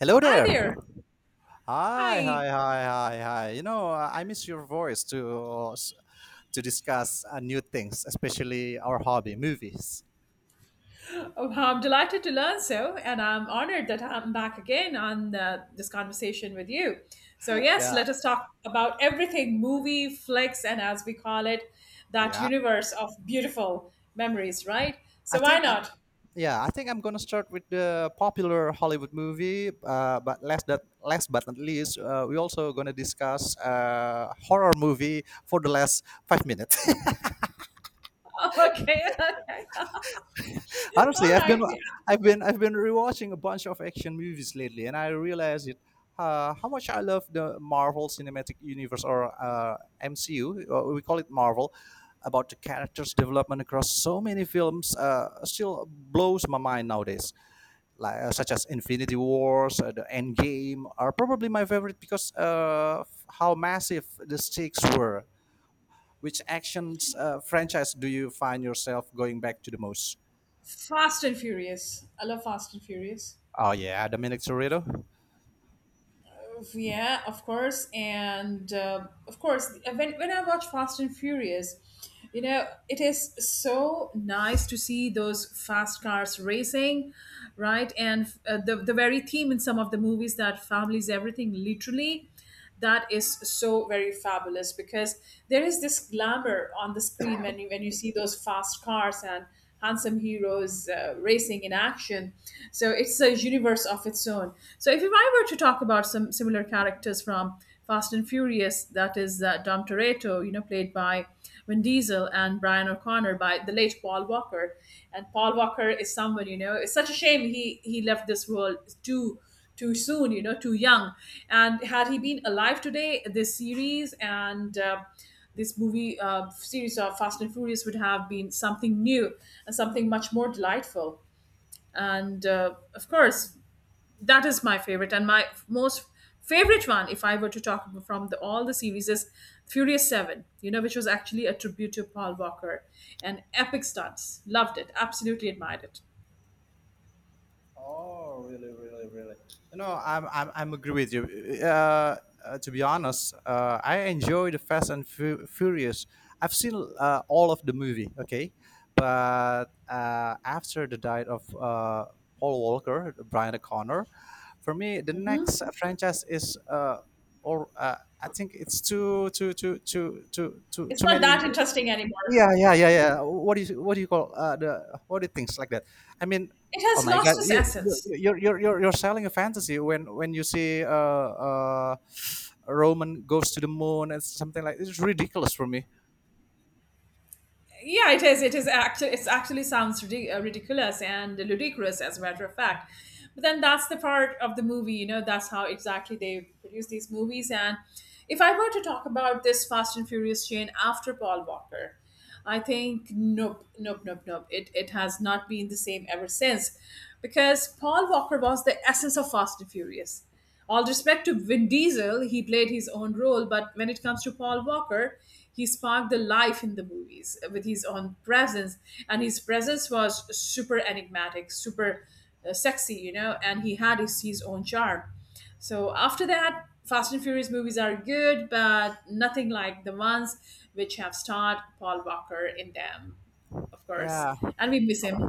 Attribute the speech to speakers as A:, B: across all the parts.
A: Hello
B: Hi
A: there.
B: there.
A: Hi,
B: Hi.
A: hi, hi, hi, hi. I miss your voice to s- to discuss new things, especially our hobby, movies.
B: Oh, I'm delighted to learn so, and I'm honored that I'm back again on this conversation with you. So, yes,
A: Yeah,
B: let us talk about everything movie, flicks, and as we call it, that
A: yeah.
B: universe of beautiful memories, right?
A: I
B: So, why
A: think I'm.
B: not?
A: Yeah, I think I'm gonna start with the popular Hollywood movie. But last but not least, we also gonna discuss horror movie for the last five minutes.
B: Okay, okay.
A: Honestly,
B: All right.
A: I've been rewatching a bunch of action movies lately, and I realized it how much I love the Marvel Cinematic Universe or MCU. We call it Marvel. About the characters' development across so many films, still blows my mind nowadays. Like such as Infinity Wars, the Endgame are probably my favorite because how massive the stakes were. Which actions franchise do you find yourself going back to the most?
B: Fast and Furious. I love Fast and Furious.
A: Oh yeah, Dominic Toretto.
B: Yeah, of course, and of course, when I watch Fast and Furious, it is so nice to see those fast cars racing, right? And the very theme in some of the movies that families everything literally that is so very fabulous because there is this glamour on the screen when you see those fast cars and handsome heroes racing in action, so it's a universe of its own. So if I were to talk about some similar characters from Fast and Furious, that is Dom Toretto, played by Vin Diesel, and Brian O'Connor by the late Paul Walker. And Paul Walker is someone, it's such a shame he left this world too too soon, too young. And had he been alive today, this series and this movie series of Fast and Furious would have been something new and something much more delightful. And of course, that is my favorite and my most favorite one. If I were to talk from all the series, is Furious Seven. You know, which was actually a tribute to Paul Walker and epic stunts. Loved it. Absolutely admired it.
A: Oh, really, really, really. You know, I'm agree with you. Uh, to be honest, I enjoy the Furious. I've seen all of the movie, okay, but after the died of Paul Walker, Brian O'Connor, for me the next franchise is or I think it's too too too too too too
B: It's
A: too
B: not
A: many.
B: that interesting anymore.
A: Yeah, yeah, yeah, yeah. What do you call the what do you things like that? I mean,
B: It
A: oh
B: has
A: my god,
B: lost its
A: you- you-
B: essence.
A: you're you're you're you're selling a fantasy when you see Roman goes to the moon and something like it's ridiculous for me.
B: Yeah, it actually sounds ridiculous and ludicrous, as a matter of fact. But then that's the part of the movie, that's how exactly they produce these movies. And if I were to talk about this Fast and Furious chain after Paul Walker, I think nope, nope, nope, nope, it has not been the same ever since, because Paul Walker was the essence of Fast and Furious. All respect to Vin Diesel, he played his own role, but when it comes to Paul Walker, he sparked the life in the movies with his own presence, and his presence was super enigmatic, super sexy, and he had his own charm. So after that, Fast and Furious movies are good, but nothing like the ones which have starred Paul Walker in them, of course,
A: Yeah,
B: and we miss him.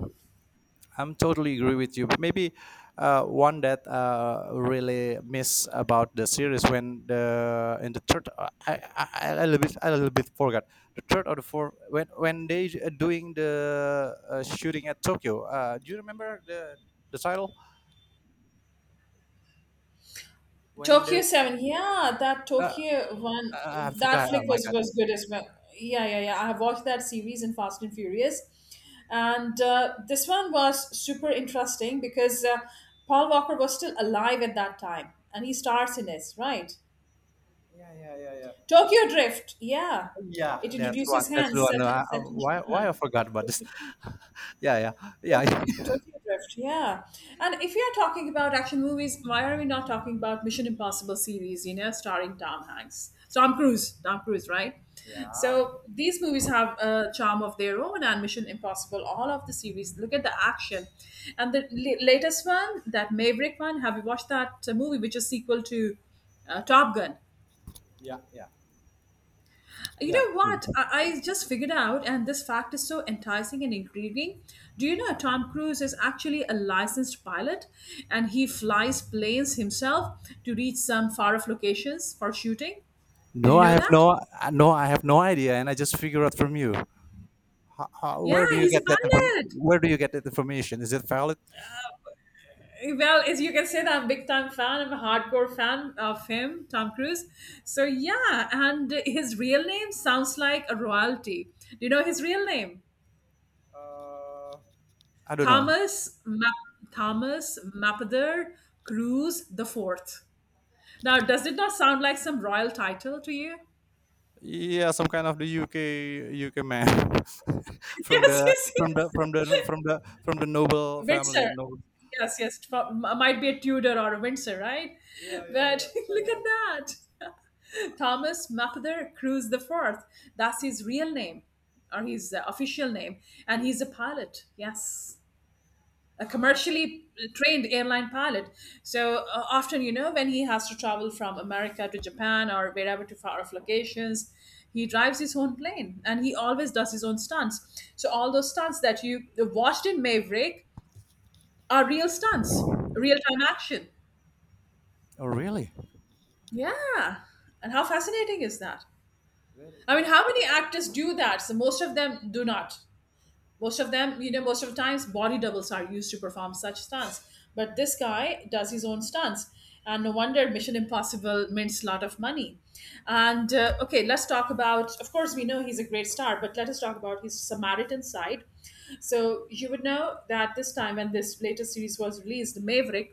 A: I'm totally agree with you. But maybe one that really miss about the series when the in the third, I a little bit I a little bit forgot the third or the fourth when they are doing the shooting at Tokyo. Do you remember the title when they?
B: Tokyo Seven, yeah, that
A: Uh,
B: Tokyo one,
A: I
B: that
A: forgot.
B: flick
A: Oh my
B: was
A: god.
B: was good as well. Yeah, yeah, yeah. I have watched that series in Fast and Furious, and this one was super interesting because Paul Walker was still alive at that time, and he stars in this, right?
A: Yeah, yeah, yeah, yeah.
B: Tokyo Drift, yeah.
A: Yeah,
B: It
A: that's one.
B: introduces
A: That's the
B: hands
A: one.
B: set set in
A: Why? Why I
B: Japan.
A: forgot about this? yeah, yeah, yeah.
B: Tokyo Drift, yeah. And if you're talking about action movies, why are we not talking about Mission Impossible series, starring Tom Hanks? Tom Cruise, Tom Cruise, right?
A: yeah.
B: So these movies have a charm of their own, and Mission Impossible, all of the series, look at the action. And the latest one, that Maverick one, have you watched that movie, which is sequel to Top Gun?
A: Yeah, yeah,
B: You
A: yeah.
B: know what? I just figured out, and this fact is so enticing and intriguing. Do you know Tom Cruise is actually a licensed pilot, and he flies planes himself to reach some far off locations for shooting? Did you
A: No, I
B: know
A: have
B: that?
A: no, no, I have no idea, and I just figure out from you.
B: Yeah, he's a pilot.
A: Where do you get that information? Is it valid?
B: Well, as you can say, that I'm a big time fan. I'm a hardcore fan of him, Tom Cruise. So, yeah, and his real name sounds like a royalty. Do you know his real name?
A: I don't know.
B: Thomas Mapother Cruz the Fourth. Now, does it not sound like some royal title to you?
A: Yeah, some kind of the UK man
B: Yes, yes, yes.
A: from the noble family.
B: Windsor.
A: Noble.
B: Yes, yes. Might be a Tudor or a Windsor, right? But look at that. Thomas Mapother Cruz the Fourth. That's his real name, or his official name. And he's a pilot. Yes. A commercially trained airline pilot. So often, when he has to travel from America to Japan or wherever to far off locations, he drives his own plane, and he always does his own stunts. So all those stunts that you watched in Maverick are real stunts, real time action.
A: Oh, really?
B: Yeah. And how fascinating is that? I mean, how many actors do that? So most of them do not. Most of them, most of the times body doubles are used to perform such stunts, but this guy does his own stunts, and no wonder Mission Impossible mints a lot of money. And okay, let's talk about, of course we know he's a great star, but let us talk about his Samaritan side. So you would know that this time, when this latest series was released, the Maverick,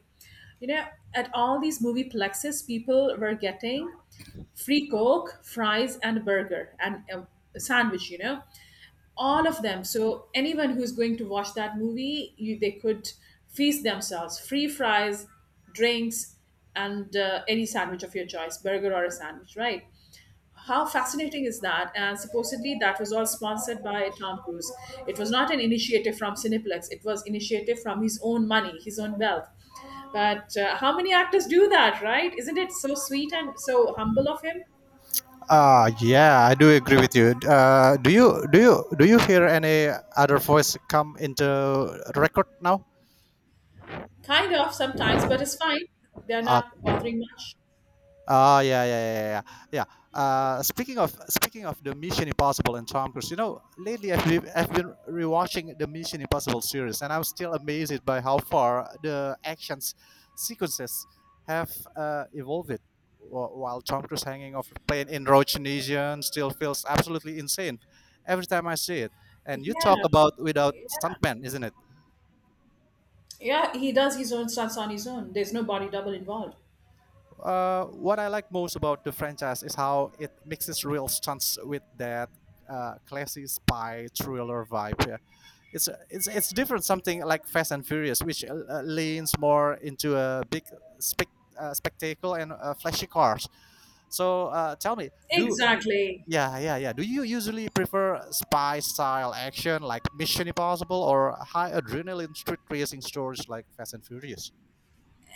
B: you know at all these movie plexes, people were getting free coke, fries, and a burger, and a sandwich, all of them. So anyone who's going to watch that movie, they could feast themselves free fries, drinks, and any sandwich of your choice, burger or a sandwich, right? How fascinating is that? And supposedly that was all sponsored by Tom Cruise. It was not an initiative from Cineplex, it was initiative from his own money, his own wealth. But how many actors do that, right? Isn't it so sweet and so humble of him?
A: Yeah, I do agree with you. Do you hear any other voice come into record now?
B: Kind of sometimes, but it's fine, they're
A: Uh,
B: not bothering much.
A: Oh yeah, yeah, yeah, yeah, yeah. Yeah, speaking of the Mission Impossible and Tom Cruise, you know, lately I've been rewatching the Mission Impossible series, and I'm still amazed by how far the actions sequences have evolved. While Tom Cruise hanging off a plane in Rhodesian still feels absolutely insane every time I see it. And you talk
B: Yeah.
A: about without stuntmen, isn't it?
B: Yeah, he does his own stunts on his own. There's no body double involved.
A: What I like most about the franchise is how it mixes real stunts with that classy spy thriller vibe. Yeah. It's different something like Fast and Furious, which leans more into a big spec, spectacle and flashy cars. So tell me, do, do
B: Exactly.
A: yeah yeah yeah, do you usually prefer spy style action like Mission Impossible or high adrenaline street racing stories like Fast and Furious?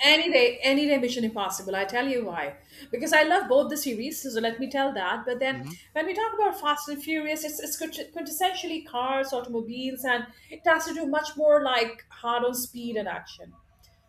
B: Any day, Mission Impossible. I tell you why. Because I love both the series, so let me tell that. But then
A: Hmm.
B: when we talk about Fast and Furious, it's quintessentially cars, automobiles, and it has to do much more like hard on speed and action.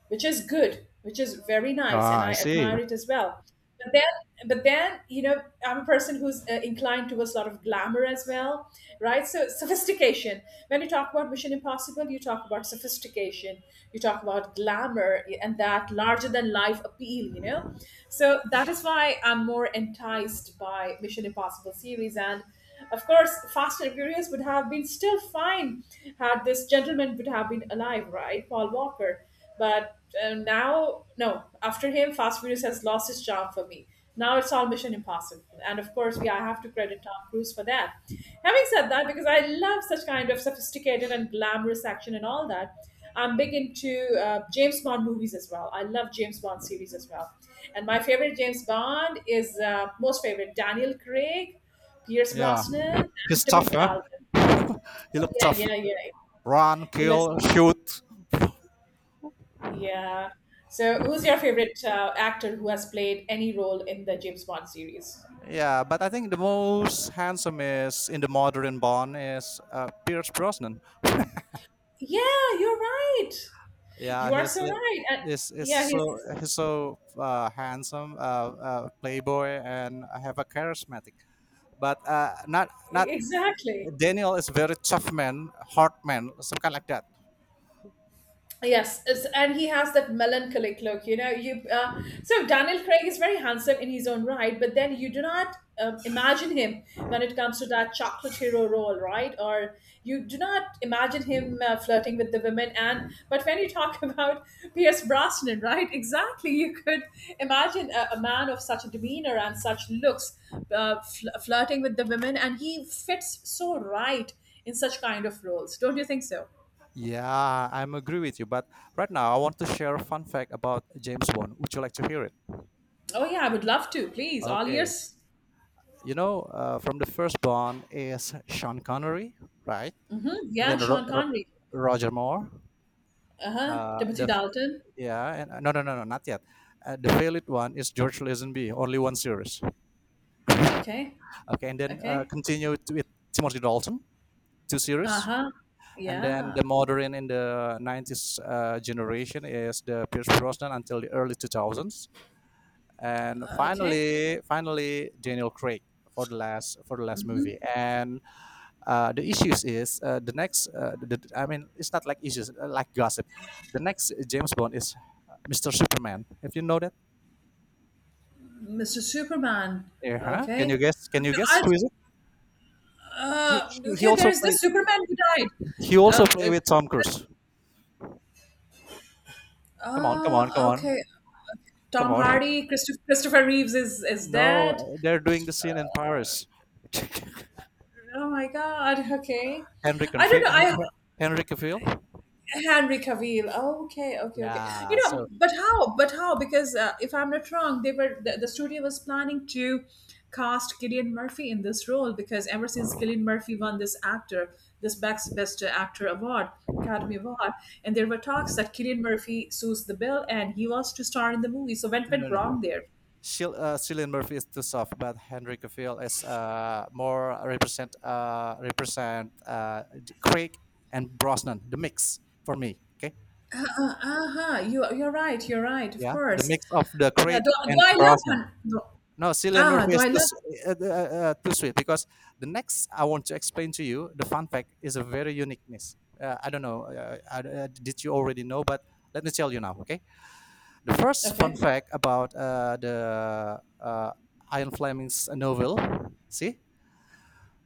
B: Which is good, which is very nice, and
A: Ah, I
B: I
A: see.
B: admire it as well. But then, I'm a person who's inclined towards a lot of glamour as well, right? So sophistication. When you talk about Mission Impossible, you talk about sophistication, you talk about glamour, and that larger than life appeal. So that is why I'm more enticed by Mission Impossible series and. Of course, Fast and Furious would have been still fine had this gentleman would have been alive, right? Paul Walker. But now, no, after him, Fast Furious has lost its charm for me. Now it's all Mission Impossible. And of course, we I have to credit Tom Cruise for that. Having said that, because I love such kind of sophisticated and glamorous action and all that, I'm big into James Bond movies as well. I love James Bond series as well. And my favorite James Bond is most favorite Daniel Craig, Pierce
A: Yeah,
B: Brosnan,
A: he's
B: and
A: tough,
B: Timothy
A: huh?
B: Dalton.
A: He
B: Oh,
A: looked
B: yeah,
A: tough.
B: yeah, yeah.
A: Run,
B: He looks.
A: kill, shoot.
B: Yeah. So, who's your favorite actor who has played any role in the James Bond series?
A: Yeah, but I think the most handsome is in the modern Bond is Pierce Brosnan.
B: Yeah, you're right.
A: Yeah,
B: You are
A: he's
B: so
A: li-
B: right. And
A: is
B: yeah,
A: so
B: he's
A: he's so handsome, playboy, and have a charismatic. But not not
B: exactly.
A: Daniel is very tough man, hard man, some kind like that.
B: Yes, and he has that melancholic look. You know, you so Daniel Craig is very handsome in his own right, but then you do not imagine him when it comes to that chocolate hero role, right? Or you do not imagine him flirting with the women. And but when you talk about Pierce Brosnan, right? Exactly, you could imagine a man of such a demeanor and such looks, flirting with the women, and he fits so right in such kind of roles. Don't you think so?
A: Yeah, I'm agree with you. But right now, I want to share a fun fact about James Bond. Would you like to hear it?
B: Oh yeah, I would love to. Please, all
A: Okay.
B: ears.
A: You know, from the first Bond is Sean Connery, right?
B: Mm-hmm.
A: And
B: Yeah,
A: then
B: Sean Connery.
A: Roger Moore.
B: Uh huh. Timothy
A: The
B: Dalton.
A: yeah, and no, no, no, no, not yet. The failed one is George Lazenby, only one series.
B: Okay.
A: Okay, and then
B: Okay.
A: continue to- with Timothy Dalton, two
B: Uh
A: series.
B: huh.
A: And then
B: Yeah.
A: the modern in the 90s generation is the Pierce Brosnan until the early 2000s, and
B: Okay.
A: finally Daniel Craig for the last movie. And the issues is the next the- I mean it's not like issues like gossip, the next James Bond is Mr. Superman. Have you know that?
B: Mr. Superman.
A: Yeah, huh?
B: Okay.
A: Can you guess
B: I,
A: who is it? He
B: okay.
A: also
B: There's
A: play,
B: this Superman who died.
A: he also play
B: Uh,
A: with Tom Cruise.
B: uh,
A: Come on,
B: okay.
A: come
B: Tom
A: on,
B: Hardy. Christopher Reeves is
A: no
B: dead.
A: they're doing the scene in Paris.
B: Oh my God. Okay.
A: Henry
B: I don't
A: Cavill.
B: know. I
A: Henry Cavill.
B: Henry Cavill. Oh, okay, okay, okay. You
A: Yeah,
B: know,
A: so
B: but how? But how? Because if I'm not wrong, the studio was planning to cast Killian Murphy in this role, because ever since Killian Murphy won this actor, this best actor award, Academy Award, and there were talks that Killian Murphy suits the bill and he was to star in the movie. So what
A: no
B: went
A: no no
B: wrong there?
A: Shil, Cillian Murphy is too soft, but Henry Cavill is more represent represent Craig and Brosnan, the mix for me. Okay,
B: Uh-huh. You're right. You're right. Of
A: yeah, the
B: course.
A: mix of the
B: Yeah. Do,
A: Craig
B: do
A: and
B: I love?
A: Brosnan.
B: Hun- Do,
A: No, Cillian
B: ah,
A: Murphy
B: do
A: is
B: I love?
A: too sweet because the next I want to explain to you the fun fact is a very uniqueness. I don't know. Did you already know? But let me tell you now. Okay, the first fun
B: Okay.
A: fact about the Ian Fleming's novel. See,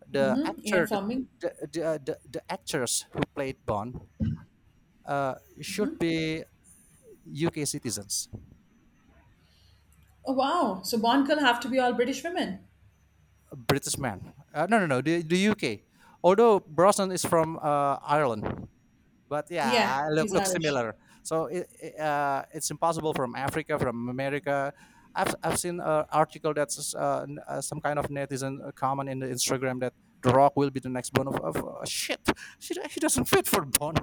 A: the
B: Mm-hmm. Ian
A: actor
B: Fleming.
A: the actors who played Bond uh, should be UK citizens,
B: Oh wow! So Bond girl have to be all British women.
A: British man. No, no, no, the UK. Although Brosnan is from Ireland, but
B: Yeah,
A: yeah,
B: he's
A: look
B: Irish.
A: similar. So it's impossible from Africa, from America. I've seen an article that's some kind of netizen comment in the Instagram that The Rock will be the next Bond of shit. He doesn't fit for Bond.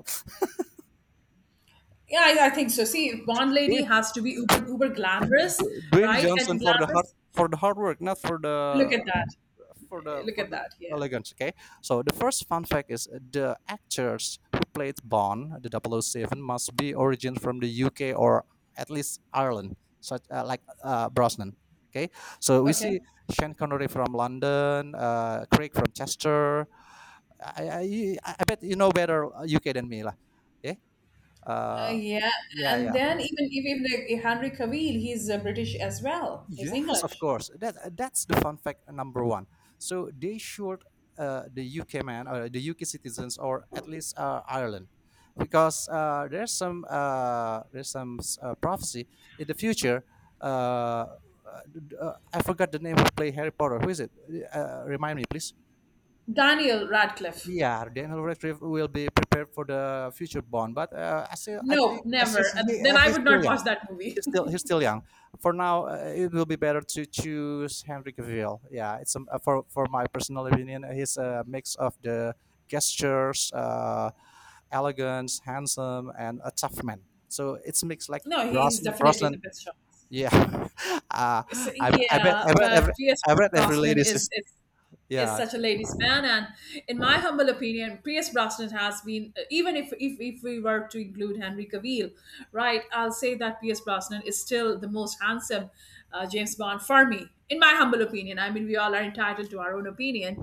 B: Yeah, I think so. See, Bond lady has to be uber uber glamorous,
A: Dwayne
B: right? And
A: Johnson for the hard,
B: glamorous.
A: not for
B: Look at
A: the
B: that.
A: for the
B: Look
A: for
B: at
A: the
B: that. Yeah.
A: elegance. Okay, so the first fun fact is the actors who played Bond, the double oh 007, must be origin from the UK or at least Ireland, such like Brosnan. Okay, so we
B: Okay.
A: see Sean Connery from London, Craig from Chester. I, I I bet you know better UK than me lah. Yeah.
B: Uh,
A: Uh,
B: yeah,
A: yeah,
B: and
A: yeah.
B: then even like Henry Cavill, he's British as well. He's
A: Yes, of
B: English.
A: course. That that's the fun fact number one. So they should the UK man or the UK citizens or at least Ireland, because there's some prophecy in the future. Uh, I forgot the name who play Harry Potter. Who is it? Remind me, please.
B: Daniel Radcliffe.
A: Yeah, Daniel Radcliffe will be prepared for the future Bond, but I still I
B: No,
A: think I still
B: never. Uh,
A: he,
B: then I
A: he's
B: would not
A: still young,
B: watch that movie.
A: he's still young. For now, it will be better to choose Henry Cavill. Yeah, it's for my personal opinion, he's a mix of the gestures, elegance, handsome, and a tough man. So it's a mix like
B: No, he is
A: Brosnan.
B: definitely
A: Brosnan,
B: the best shot.
A: yeah. uh,
B: So,
A: I I bet
B: yeah,
A: I bet every
B: but P.S.
A: I bet every
B: Brosnan
A: lady
B: is,
A: is
B: is is
A: yeah.
B: such a ladies' man, and in my humble opinion, P.S. Brosnan has been, even if we were to include Henry Cavill, right? I'll say that P.S. Brosnan is still the most handsome James Bond for me, in my humble opinion. I mean, we all are entitled to our own opinion.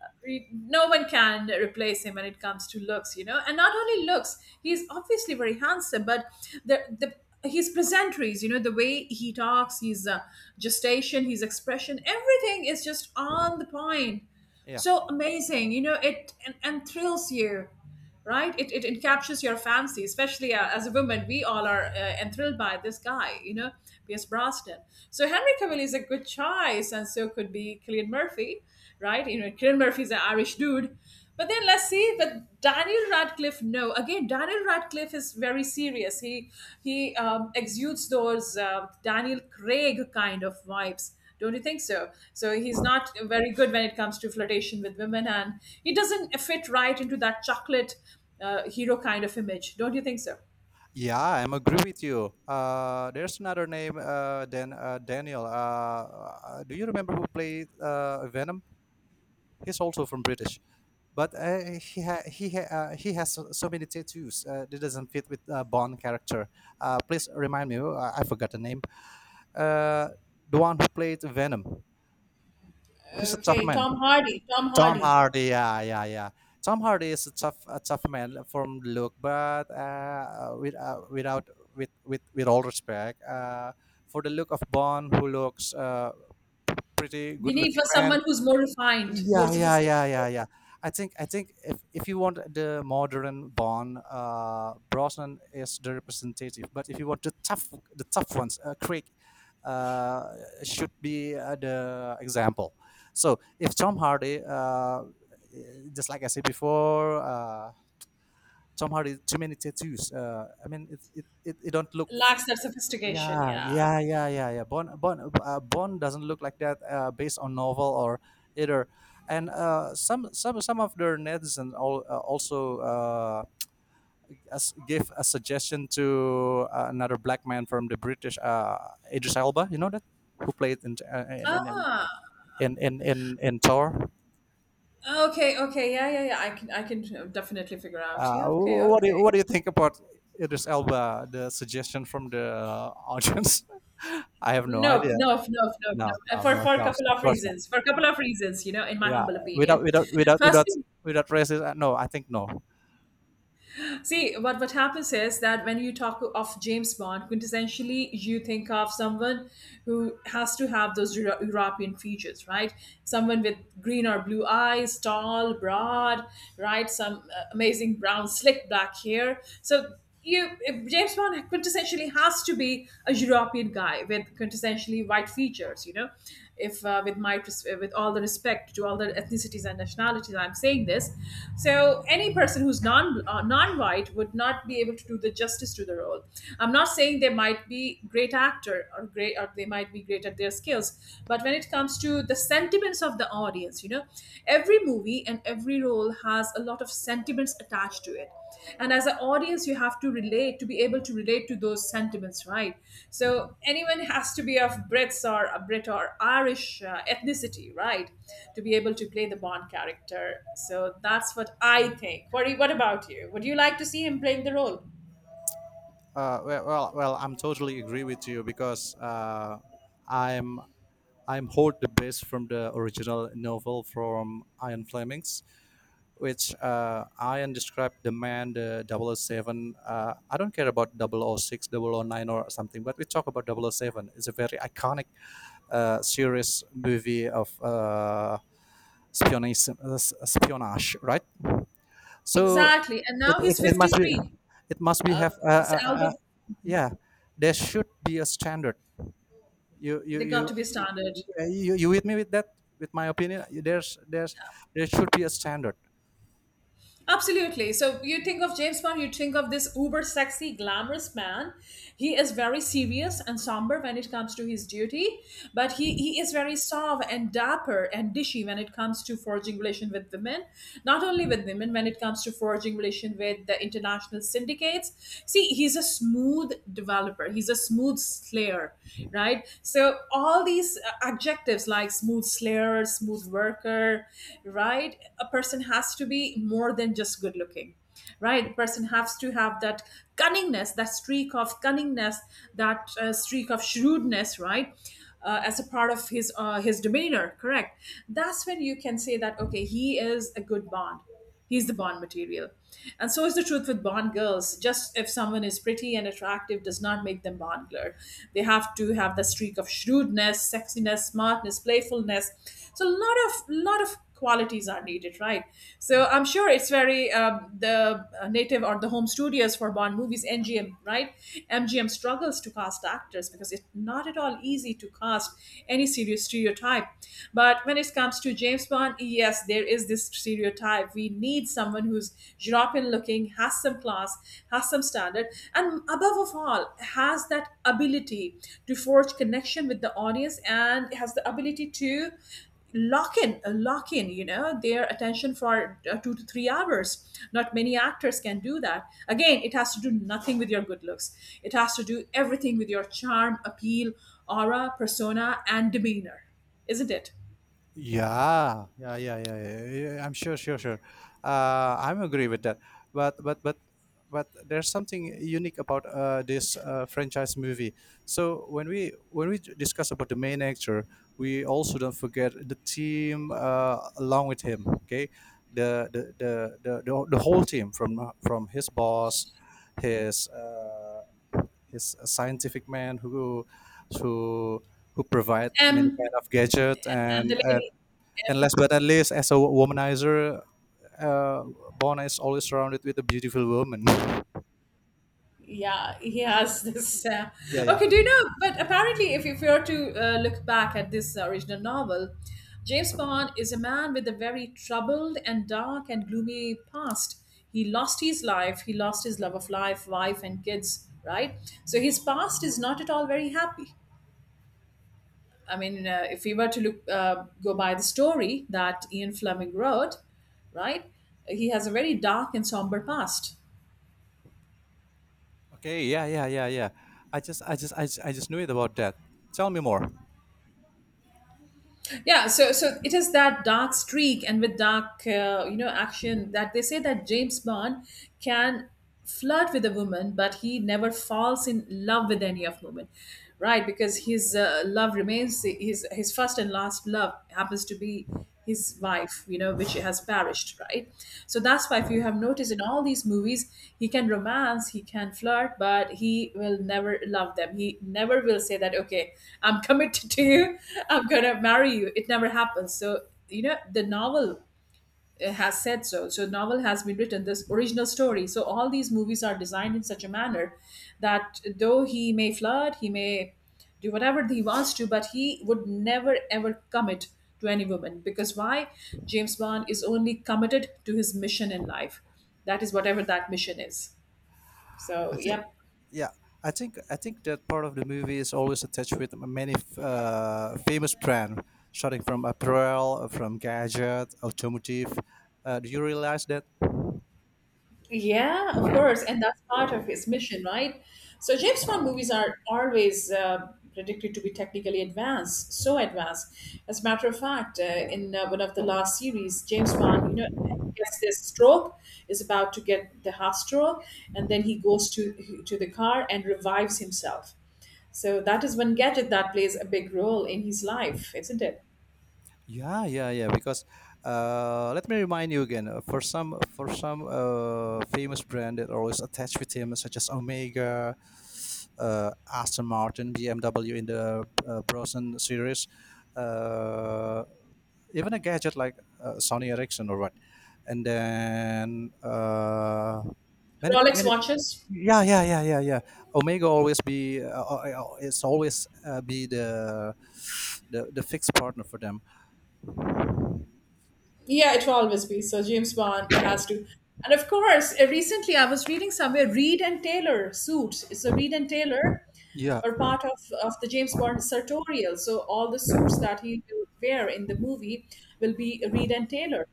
B: No one can replace him when it comes to looks. And not only looks, he's obviously very handsome, but the his pleasantries, you know, the way he talks, his gestation, his expression, everything is just on the point,
A: Yeah.
B: so amazing, you know it, and thrills you, right? It captures your fancy, especially as a woman. We all are enthralled by this guy, you know, Pierce Brosnan. So Henry Cavill is a good choice, and so could be Cillian Murphy, right? You know, Cillian Murphy is an Irish dude. But then let's see that Daniel Radcliffe. No, again, Daniel Radcliffe is very serious. He exudes those Daniel Craig kind of vibes. Don't you think so? So he's not very good when it comes to flirtation with women, and he doesn't fit right into that chocolate hero kind of image. Don't you think so?
A: Yeah, I'm agree with you. There's another name than Daniel. Do you remember who played Venom? He's also from British, but he has so so many tattoos that doesn't fit with Bond character. Please remind me. I forgot the name. Uh, the one who played Venom. He's a tough
B: Okay,
A: man.
B: Tom Hardy. Tom
A: Tom
B: Hardy.
A: Hardy, yeah, yeah, yeah. Tom Hardy is a tough man from look, but with, without, with all respect, for the look of Bond, who looks pretty
B: We
A: good
B: need
A: looking
B: for
A: man,
B: someone who's more refined, more
A: yeah, yeah, yeah, yeah,
B: sophisticated,
A: yeah. I think if you want the modern born, Brosnan is the representative. But if you want the tough, Craig uh, should be the example. So if Tom Hardy, just like I said before, Tom Hardy too many tattoos. I mean, it don't look
B: lacks that sophistication.
A: yeah,
B: Yeah.
A: yeah, yeah, yeah, yeah. Bond doesn't look like that based on novel or either. And some of their netizens all, also give a suggestion to another black man from the British, Idris Elba. You know that who played in
B: Ah,
A: in Thor.
B: okay, okay, yeah, yeah, yeah. I can definitely figure out. Yeah, okay,
A: What
B: okay.
A: do you think about Idris Elba? The suggestion from the audience. I have no
B: Nope,
A: idea.
B: nope, nope, nope, nope,
A: No,
B: nope. Uh,
A: no,
B: For
A: no, of
B: for a
A: course,
B: couple
A: of
B: of
A: course.
B: reasons. For a couple of reasons, you know, in my
A: Yeah,
B: humble
A: without
B: opinion.
A: without without
B: First,
A: without without racist. No, I think no.
B: see what happens is that when you talk of James Bond, quintessentially you think of someone who has to have those European features, right? Someone with green or blue eyes, tall, broad, right? Some amazing brown, slick black hair. So you if James Bond quintessentially has to be a European guy with quintessentially white features. If with my with all the respect to all the ethnicities and nationalities, I'm saying this. So any person who's non-white would not be able to do the justice to the role. I'm not saying they might be great actor or great or they might be great at their skills, but when it comes to the sentiments of the audience, every movie and every role has a lot of sentiments attached to it. And as an audience, you have to relate to be able to relate to those sentiments, right? So anyone has to be of brits or a brit or Irish ethnicity, right, to be able to play the Bond character. So that's what I think. What about you? Would you like to see him playing the role?
A: Well, I'm totally agree with you because I'm I'm hold the base from the original novel from Ian Fleming's, which Ian described the man, the 007. I don't care about double oh 006, double oh 009 or something, but we talk about double oh 007. It's a very iconic series movie of spionage, spionage, right? So
B: Exactly, and
A: it,
B: now
A: it,
B: he's
A: it must be,
B: 53.
A: it must be
B: uh,
A: have, uh,
B: this
A: uh,
B: album,
A: uh, Yeah, there should be a standard. you you
B: they got
A: you
B: to be standard.
A: yeah, you with me with that with my opinion. There should be a standard.
B: Absolutely. So you think of James Bond, you think of this uber sexy, glamorous man. He is very serious and somber when it comes to his duty, but he is very suave and dapper and dishy when it comes to forging relation with women. Not only with women, when it comes to forging relation with the international syndicates. See, he's a smooth developer. He's a smooth slayer, right? So all these adjectives like smooth slayer, smooth worker, right? A person has to be more than just good looking, right? person has to have that cunningness, that streak of cunningness, that streak of shrewdness, right? As a part of his his demeanor, correct? That's when you can say that, okay, he is a good Bond. He's the Bond material. And so is the truth with Bond girls. Just if someone is pretty and attractive does not make them Bond girl. They have to have the streak of shrewdness, sexiness, smartness, playfulness. So a lot of qualities are needed, right? So I'm sure it's very the native or the home studios for Bond movies, MGM, right? MGM struggles to cast actors because it's not at all easy to cast any serious stereotype. But when it comes to James Bond, yes, there is this stereotype. We need someone who's European looking, has some class, has some standard, and above of all, has that ability to forge connection with the audience and has the ability to lock in, you know, their attention for 2 to 3 hours. Not many actors can do that. Again, it has to do nothing with your good looks. It has to do everything with your charm, appeal, aura, persona, and demeanor, isn't it?
A: Yeah, yeah, yeah, yeah, yeah, yeah, I'm sure. I'm agree with that. But but but but there's something unique about this franchise movie. So when we discuss about the main actor, we also don't forget the team along with him. Okay, the the the the whole team, from his boss, his uh, his scientific man who who provide many
B: m
A: kind of gadget,
B: and the lady.
A: and last but not least, as a womanizer, uh, Bona is always surrounded with a beautiful woman.
B: Yeah, he has this.
A: Yeah, yeah.
B: Okay, do you know, but apparently, if you were to look back at this original novel, James Bond is a man with a very troubled and dark and gloomy past. He lost his life. He lost his love of life, wife, and kids, right? So his past is not at all very happy. I mean, if we were to look go by the story that Ian Fleming wrote, right? He has a very dark and somber past.
A: Okay, yeah, yeah, yeah, yeah. I just knew it about that. Tell me more.
B: Yeah, so it is that dark streak, and with dark you know action that they say that James Bond can flirt with a woman but he never falls in love with any of women, right? Because his love remains. His first and last love happens to be his wife, you know, which has perished, right? So that's why if you have noticed in all these movies, he can romance, he can flirt, but he will never love them. He never will say that, okay, I'm committed to you, I'm gonna marry you. It never happens. So, you know, the novel has said so. So novel has been written this original story. So all these movies are designed in such a manner that though he may flirt, he may do whatever he wants to, but he would never ever commit to any woman because why? James Bond is only committed to his mission in life. That is whatever that mission is.
A: I
B: So,
A: think,
B: yeah.
A: yeah, I think that part of the movie is always attached with many famous brand, starting from apparel, from gadget, automotive. Do you realize that?
B: Yeah, of course, and that's part of his mission, right? So James Bond movies are always predicted to be technically advanced, so advanced. As a matter of fact, in one of the last series, James Bond, you know, gets this stroke, is about to get the heart stroke, and then he goes to the car and revives himself. So that is one gadget that plays a big role in his life, isn't it?
A: Yeah, yeah, yeah. Because let me remind you again. For some famous brand that always attached with him, such as Omega, Aston Martin, BMW in the Bronson series, uh, even a gadget like Sony Ericsson or what, and then many,
B: Rolex watches.
A: yeah, yeah, yeah, yeah, yeah. Omega always be, it's always be the, the fixed partner for them.
B: Yeah, it will always be. So James Bond it has to. And of course, recently I was reading somewhere Reed and Taylor suit. So Reed and Taylor
A: Yeah,
B: are part of the James Bond sartorial. So all the suits that he will wear in the movie will be Reed and Taylor.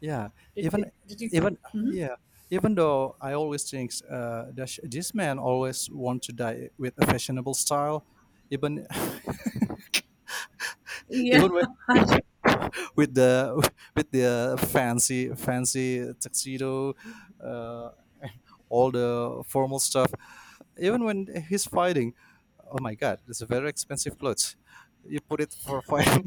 A: yeah,
B: Did, did,
A: even
B: did you?
A: even yeah, even though I always think that this man always want to die with a fashionable style, even
B: Yeah,
A: even with with the fancy tuxedo, uh, all the formal stuff. Even when he's fighting, oh my god, it's a very expensive clothes. You put it for fight.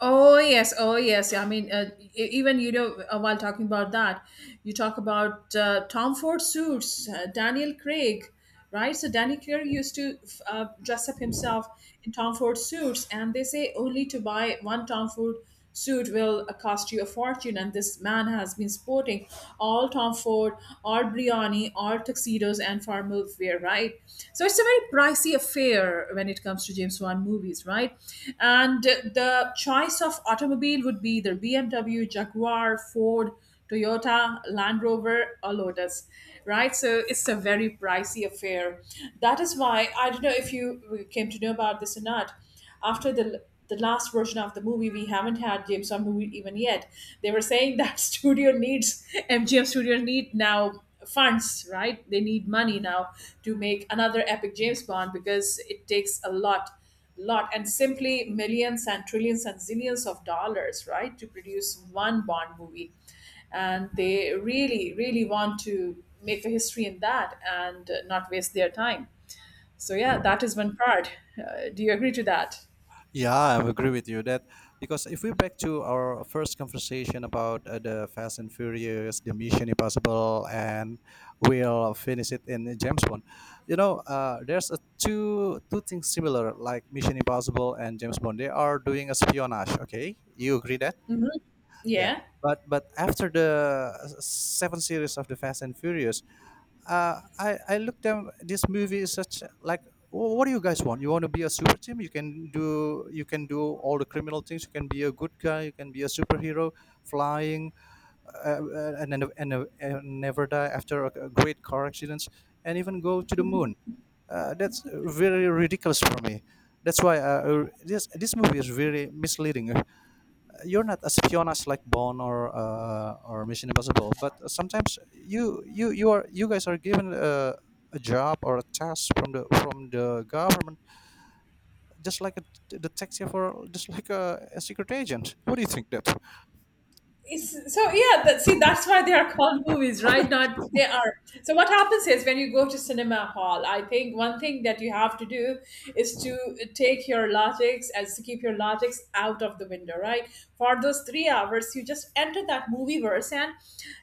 B: oh yes, oh yes. I mean, even you know, while talking about that, you talk about Tom Ford suits, Daniel Craig, right? So Daniel Craig used to dress up himself in Tom Ford suits, and they say only to buy one Tom Ford suit will cost you a fortune. And this man has been sporting all Tom Ford, all Brioni, all tuxedos and formal wear, right? So it's a very pricey affair when it comes to James Wan movies, right? And the choice of automobile would be either BMW, Jaguar, Ford, Toyota, Land Rover, or Lotus, right? So it's a very pricey affair. That is why I don't know if you came to know about this or not. After the last version of the movie, we haven't had James Bond movie even yet. They were saying that studio needs MGM studio need now funds, right? They need money now to make another epic James Bond because it takes a lot, lot, and simply millions and trillions and zillions of dollars, right, to produce one Bond movie and they really want to make a history in that and not waste their time. So, yeah, that is one part. Do you agree to that?
A: Yeah, I agree with you, that because if we back to our first conversation about the Fast and Furious, the Mission Impossible, and we'll finish it in James Bond. You know, there's a two things similar like Mission Impossible and James Bond. They are doing a espionage. Okay, you agree that?
B: Mhm.
A: Yeah.
B: Yeah.
A: But after the seven series of the Fast and Furious, I looked at this movie is such like, What do you guys want? You want to be a super team? You can do, all the criminal things. You can be a good guy. You can be a superhero, flying, and and never die after a great car accidents, and even go to the moon. That's very ridiculous for me. That's why this movie is very misleading." You're not as Fiona's like Bond or Mission Impossible, but sometimes you are, you guys are given a job or a task from the government, just like a detective or just like a secret agent. What do you think that?
B: It's, so yeah, that, see, that's why they are called movies, right? Not they are. So what happens is when you go to cinema hall, I think one thing that you have to do is to take your latex as to keep your latex out of the window, right? For those 3 hours, you just enter that movie verse and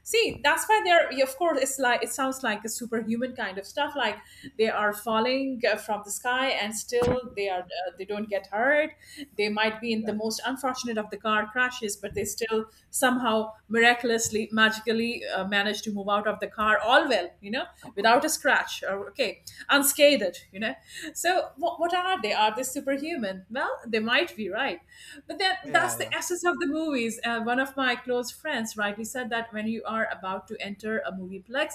B: see that's why they're. Of course, it's like it sounds like a superhuman kind of stuff. Like they are falling from the sky, and still they are they don't get hurt. They might be in the
A: Yeah,
B: most unfortunate of the car crashes, but they still somehow miraculously magically manage to move out of the car all well, without a scratch, or okay, unscathed. So what are they? Are they superhuman? Well, they might be, right? But then
A: yeah,
B: that's the
A: yeah,
B: essence of the movies. One of my close friends rightly said that when you are about to enter a movieplex,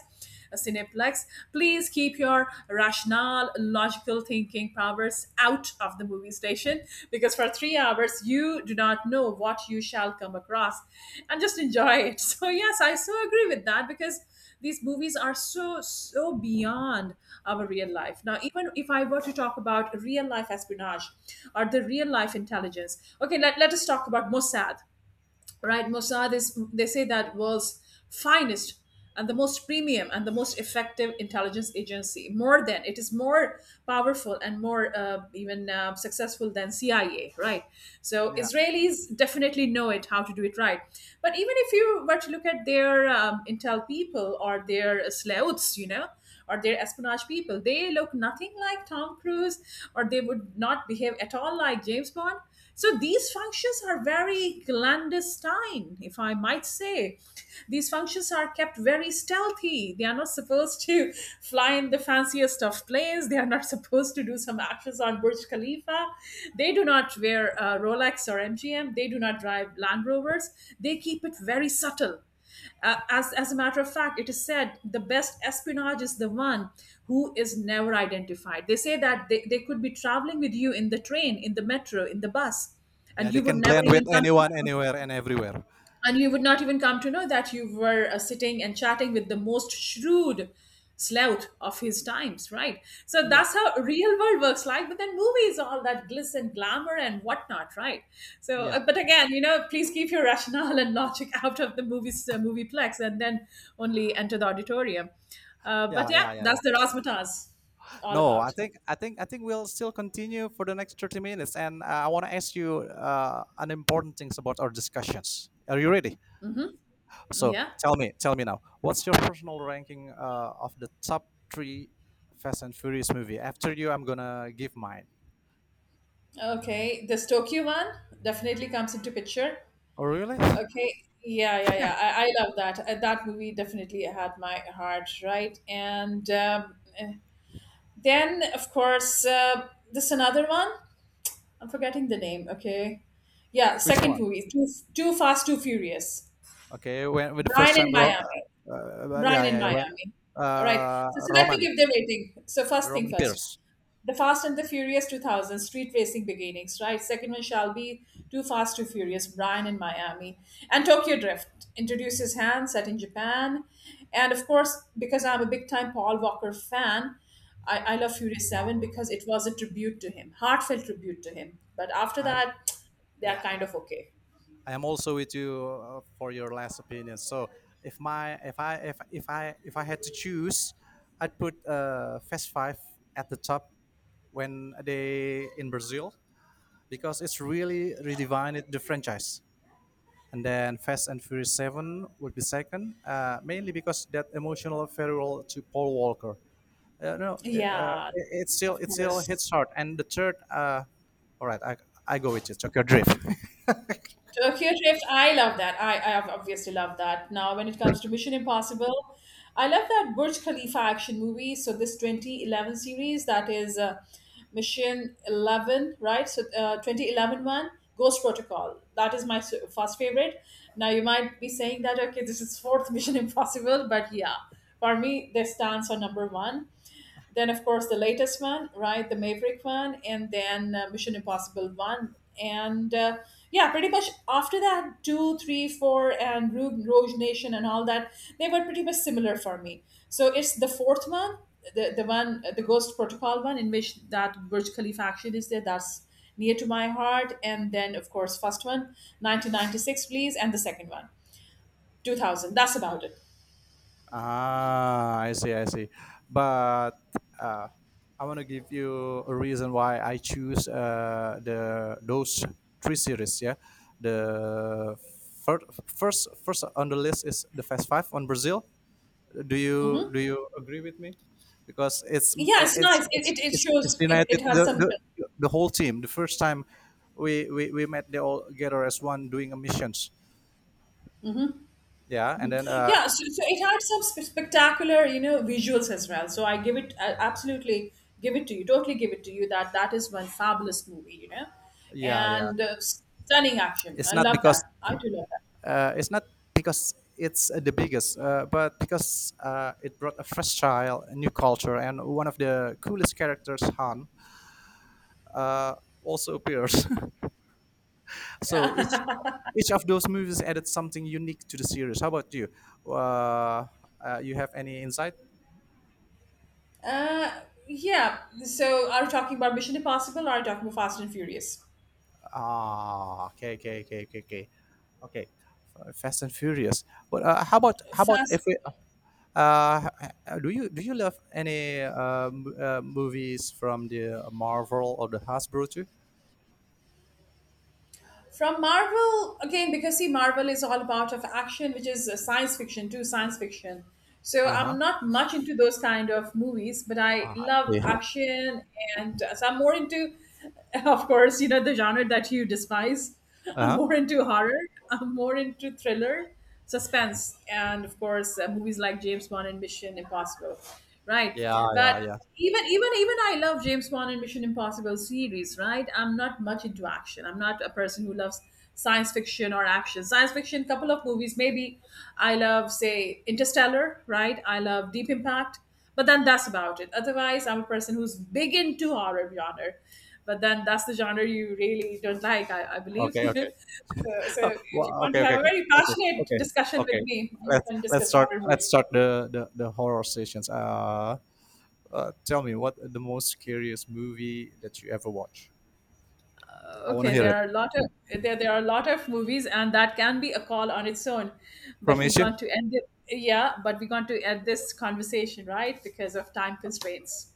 B: Cineplex, please keep your rational, logical thinking powers out of the movie station, because for 3 hours you do not know what you shall come across, and just enjoy it. So, yes, I so agree with that, because these movies are so so beyond our real life. Now, even if I were to talk about real life espionage or the real life intelligence, okay, let us talk about Mossad, right? Mossad is, they say, that world's finest and the most premium and the most effective intelligence agency. More than, it is more powerful and more even successful than CIA, right? So
A: yeah.
B: Israelis definitely know it, how to do it right. But even if you were to look at their intel people or their sleuths, you know, or their espionage people, they look nothing like Tom Cruise, or they would not behave at all like James Bond. So these functions are very clandestine, if I might say. These functions are kept very stealthy. They are not supposed to fly in the fanciest of planes. They are not supposed to do some actions on Burj Khalifa. They do not wear Rolex or MGM. They do not drive Land Rovers. They keep it very subtle. As a matter of fact, it is said the best espionage is the one who is never identified. They say that they could be traveling with you in the train, in the metro, in the bus,
A: Yeah,
B: and you
A: they
B: would
A: can
B: never
A: blend with
B: even come
A: anyone,
B: to know,
A: anywhere, and everywhere.
B: and you would not even come to know that you were sitting and chatting with the most shrewd slouch of his times, right? So
A: Yeah,
B: that's how real world works like. But then movies, all that gliss and glamour and whatnot, right? So
A: yeah,
B: but again, you know, please keep your rationale and logic out of the movies, movieplex, and then only enter the auditorium.
A: yeah,
B: But yeah,
A: yeah, yeah.
B: that's the razzmatazz all
A: No,
B: about.
A: I think we'll still continue for the next 30 minutes, and I want to ask you an important things about our discussions. Are you ready? So
B: Yeah,
A: tell me now. What's your personal ranking of the top 3 Fast and Furious movie? After you, I'm going to give mine.
B: okay, this Tokyo one definitely comes into picture.
A: Oh really?
B: Okay. Yeah, yeah, yeah. I love that. That movie definitely had my heart, right? And then, of course, this another one. I'm forgetting the name. Okay. Yeah,
A: Which
B: second
A: one?
B: movie, Too, Too Fast, Too Furious.
A: Okay, when the first
B: Brian
A: time
B: in Miami.
A: Yeah,
B: Brian in
A: yeah, yeah, when
B: Miami. All right.
A: uh,
B: So let me
A: Roman,
B: give the rating. So
A: the
B: first thing
A: Roman
B: first.
A: Pierce.
B: The Fast and the Furious 2000, Street Racing Beginnings, right? Second one shall be Too Fast, Too Furious, Brian in Miami. And Tokyo Drift introduces Han, set in Japan. And of course, because I'm a big time Paul Walker fan, I love Furious 7 because it was a tribute to him, heartfelt tribute to him. But after
A: I'm
B: that, they're
A: yeah,
B: kind
A: yeah.
B: of okay.
A: I am also with you for your last opinion. So if my if I had to choose, I'd put Fast Five at the top, when they in Brazil, because it's really redefined the franchise. And then Fast and Furious Seven would be second, mainly because that emotional farewell to Paul Walker. No,
B: Yeah,
A: it, it still
B: of course.
A: hits hard. And the third, all right, I go with you. Tokyo Drift.
B: Tokyo Drift, I love that. I obviously love that. Now, when it comes to Mission Impossible, I love that Burj Khalifa action movie. So this 2011 series, that is Mission 11, right? So 2011 one, Ghost Protocol. That is my first favorite. Now, you might be saying that, okay, this is fourth Mission Impossible, but yeah, for me, this stands on number one. Then of course the latest one, right, the Maverick one, and then Mission Impossible one, and yeah, pretty much after that 2 3 4 and Rouge, Rouge Nation and all that, they were pretty much similar for me. So it's the fourth one, the one, the Ghost Protocol one, in which that Burj Khalifa action is there. That's near to my heart. And then of course first one, 1996, please, and the second one, 2000. That's about it.
A: Ah, I see, I see. But uh, I want to give you a reason why I choose the those three series. Yeah, the first on the list is the Fast Five on Brazil. Do
B: Hmm,
A: you agree with me? Because
B: yeah, it's nice. it, it, it
A: it's
B: shows, it
A: united
B: has
A: the,
B: some
A: the whole team. The first time we met, they all together as one doing a missions. Yeah, and then
B: Yeah, so so it had some spectacular, you know, visuals as well. So I give it, I absolutely give it to you, totally give it to you, that that is one fabulous movie, you know,
A: yeah, yeah.
B: and stunning action.
A: It's
B: I
A: not
B: love
A: because,
B: that. I do love
A: It's not because it's the biggest, but because it brought a fresh style, a new culture, and one of the coolest characters, Han, uh, also appears. So each of those movies added something unique to the series. How about you? Uh, you have any insight?
B: that. Yeah. So are you talking about Mission Impossible? Or are you talking about Fast and Furious?
A: Ah, okay, okay, okay, okay, okay. Okay, Fast and Furious. But how about if
B: Fast.
A: we? Uh, do you love any movies from the Marvel or the Hasbro too?
B: From Marvel, again, because see, Marvel is all about of action, which is science fiction too, science fiction. So
A: Uh huh.
B: I'm not much into those kind of movies, but I
A: Uh
B: love
A: huh.
B: action, and so I'm more into, of course, you know, the genre that you despise. I'm
A: Uh-huh.
B: more into horror. I'm more into thriller, suspense, and of course, movies like James Bond and Mission Impossible, right?
A: Yeah,
B: But
A: yeah, yeah.
B: even I love James Bond and Mission Impossible series, right? I'm not much into action. I'm not a person who loves science fiction or action. Science fiction, couple of movies, maybe. I love, say, Interstellar, right? I love Deep Impact. But then that's about it. Otherwise, I'm a person who's big into horror genre. But then that's the genre you really don't like, I believe.
A: Okay, okay.
B: So, so if you
A: Well,
B: want
A: okay,
B: to have
A: okay,
B: a
A: okay,
B: very
A: okay,
B: passionate
A: okay,
B: discussion with
A: okay.
B: me, you can discuss horror
A: Let's
B: movies.
A: start the the horror sessions. Tell me what the most scariest movie that you ever watch. I want to
B: Okay,
A: hear
B: there
A: it
B: are a lot of there there are a lot of movies, and that can be a call on its own. But
A: from
B: we're
A: Asia.
B: going to end it. Yeah, but we're going to end this conversation, right, because of time constraints.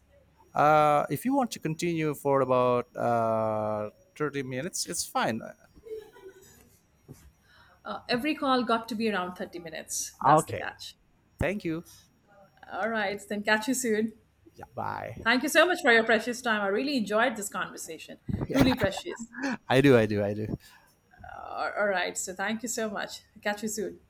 A: If you want to continue for about uh, 30 minutes, it's fine.
B: Every call got to be around 30 minutes. That's the
A: Okay.
B: catch.
A: Thank you.
B: All right, then catch you soon.
A: Yeah, bye.
B: Thank you so much for your precious time. I really enjoyed this conversation. Truly
A: Yeah,
B: precious.
A: I do. I do. I do.
B: All right. So thank you so much. Catch you soon.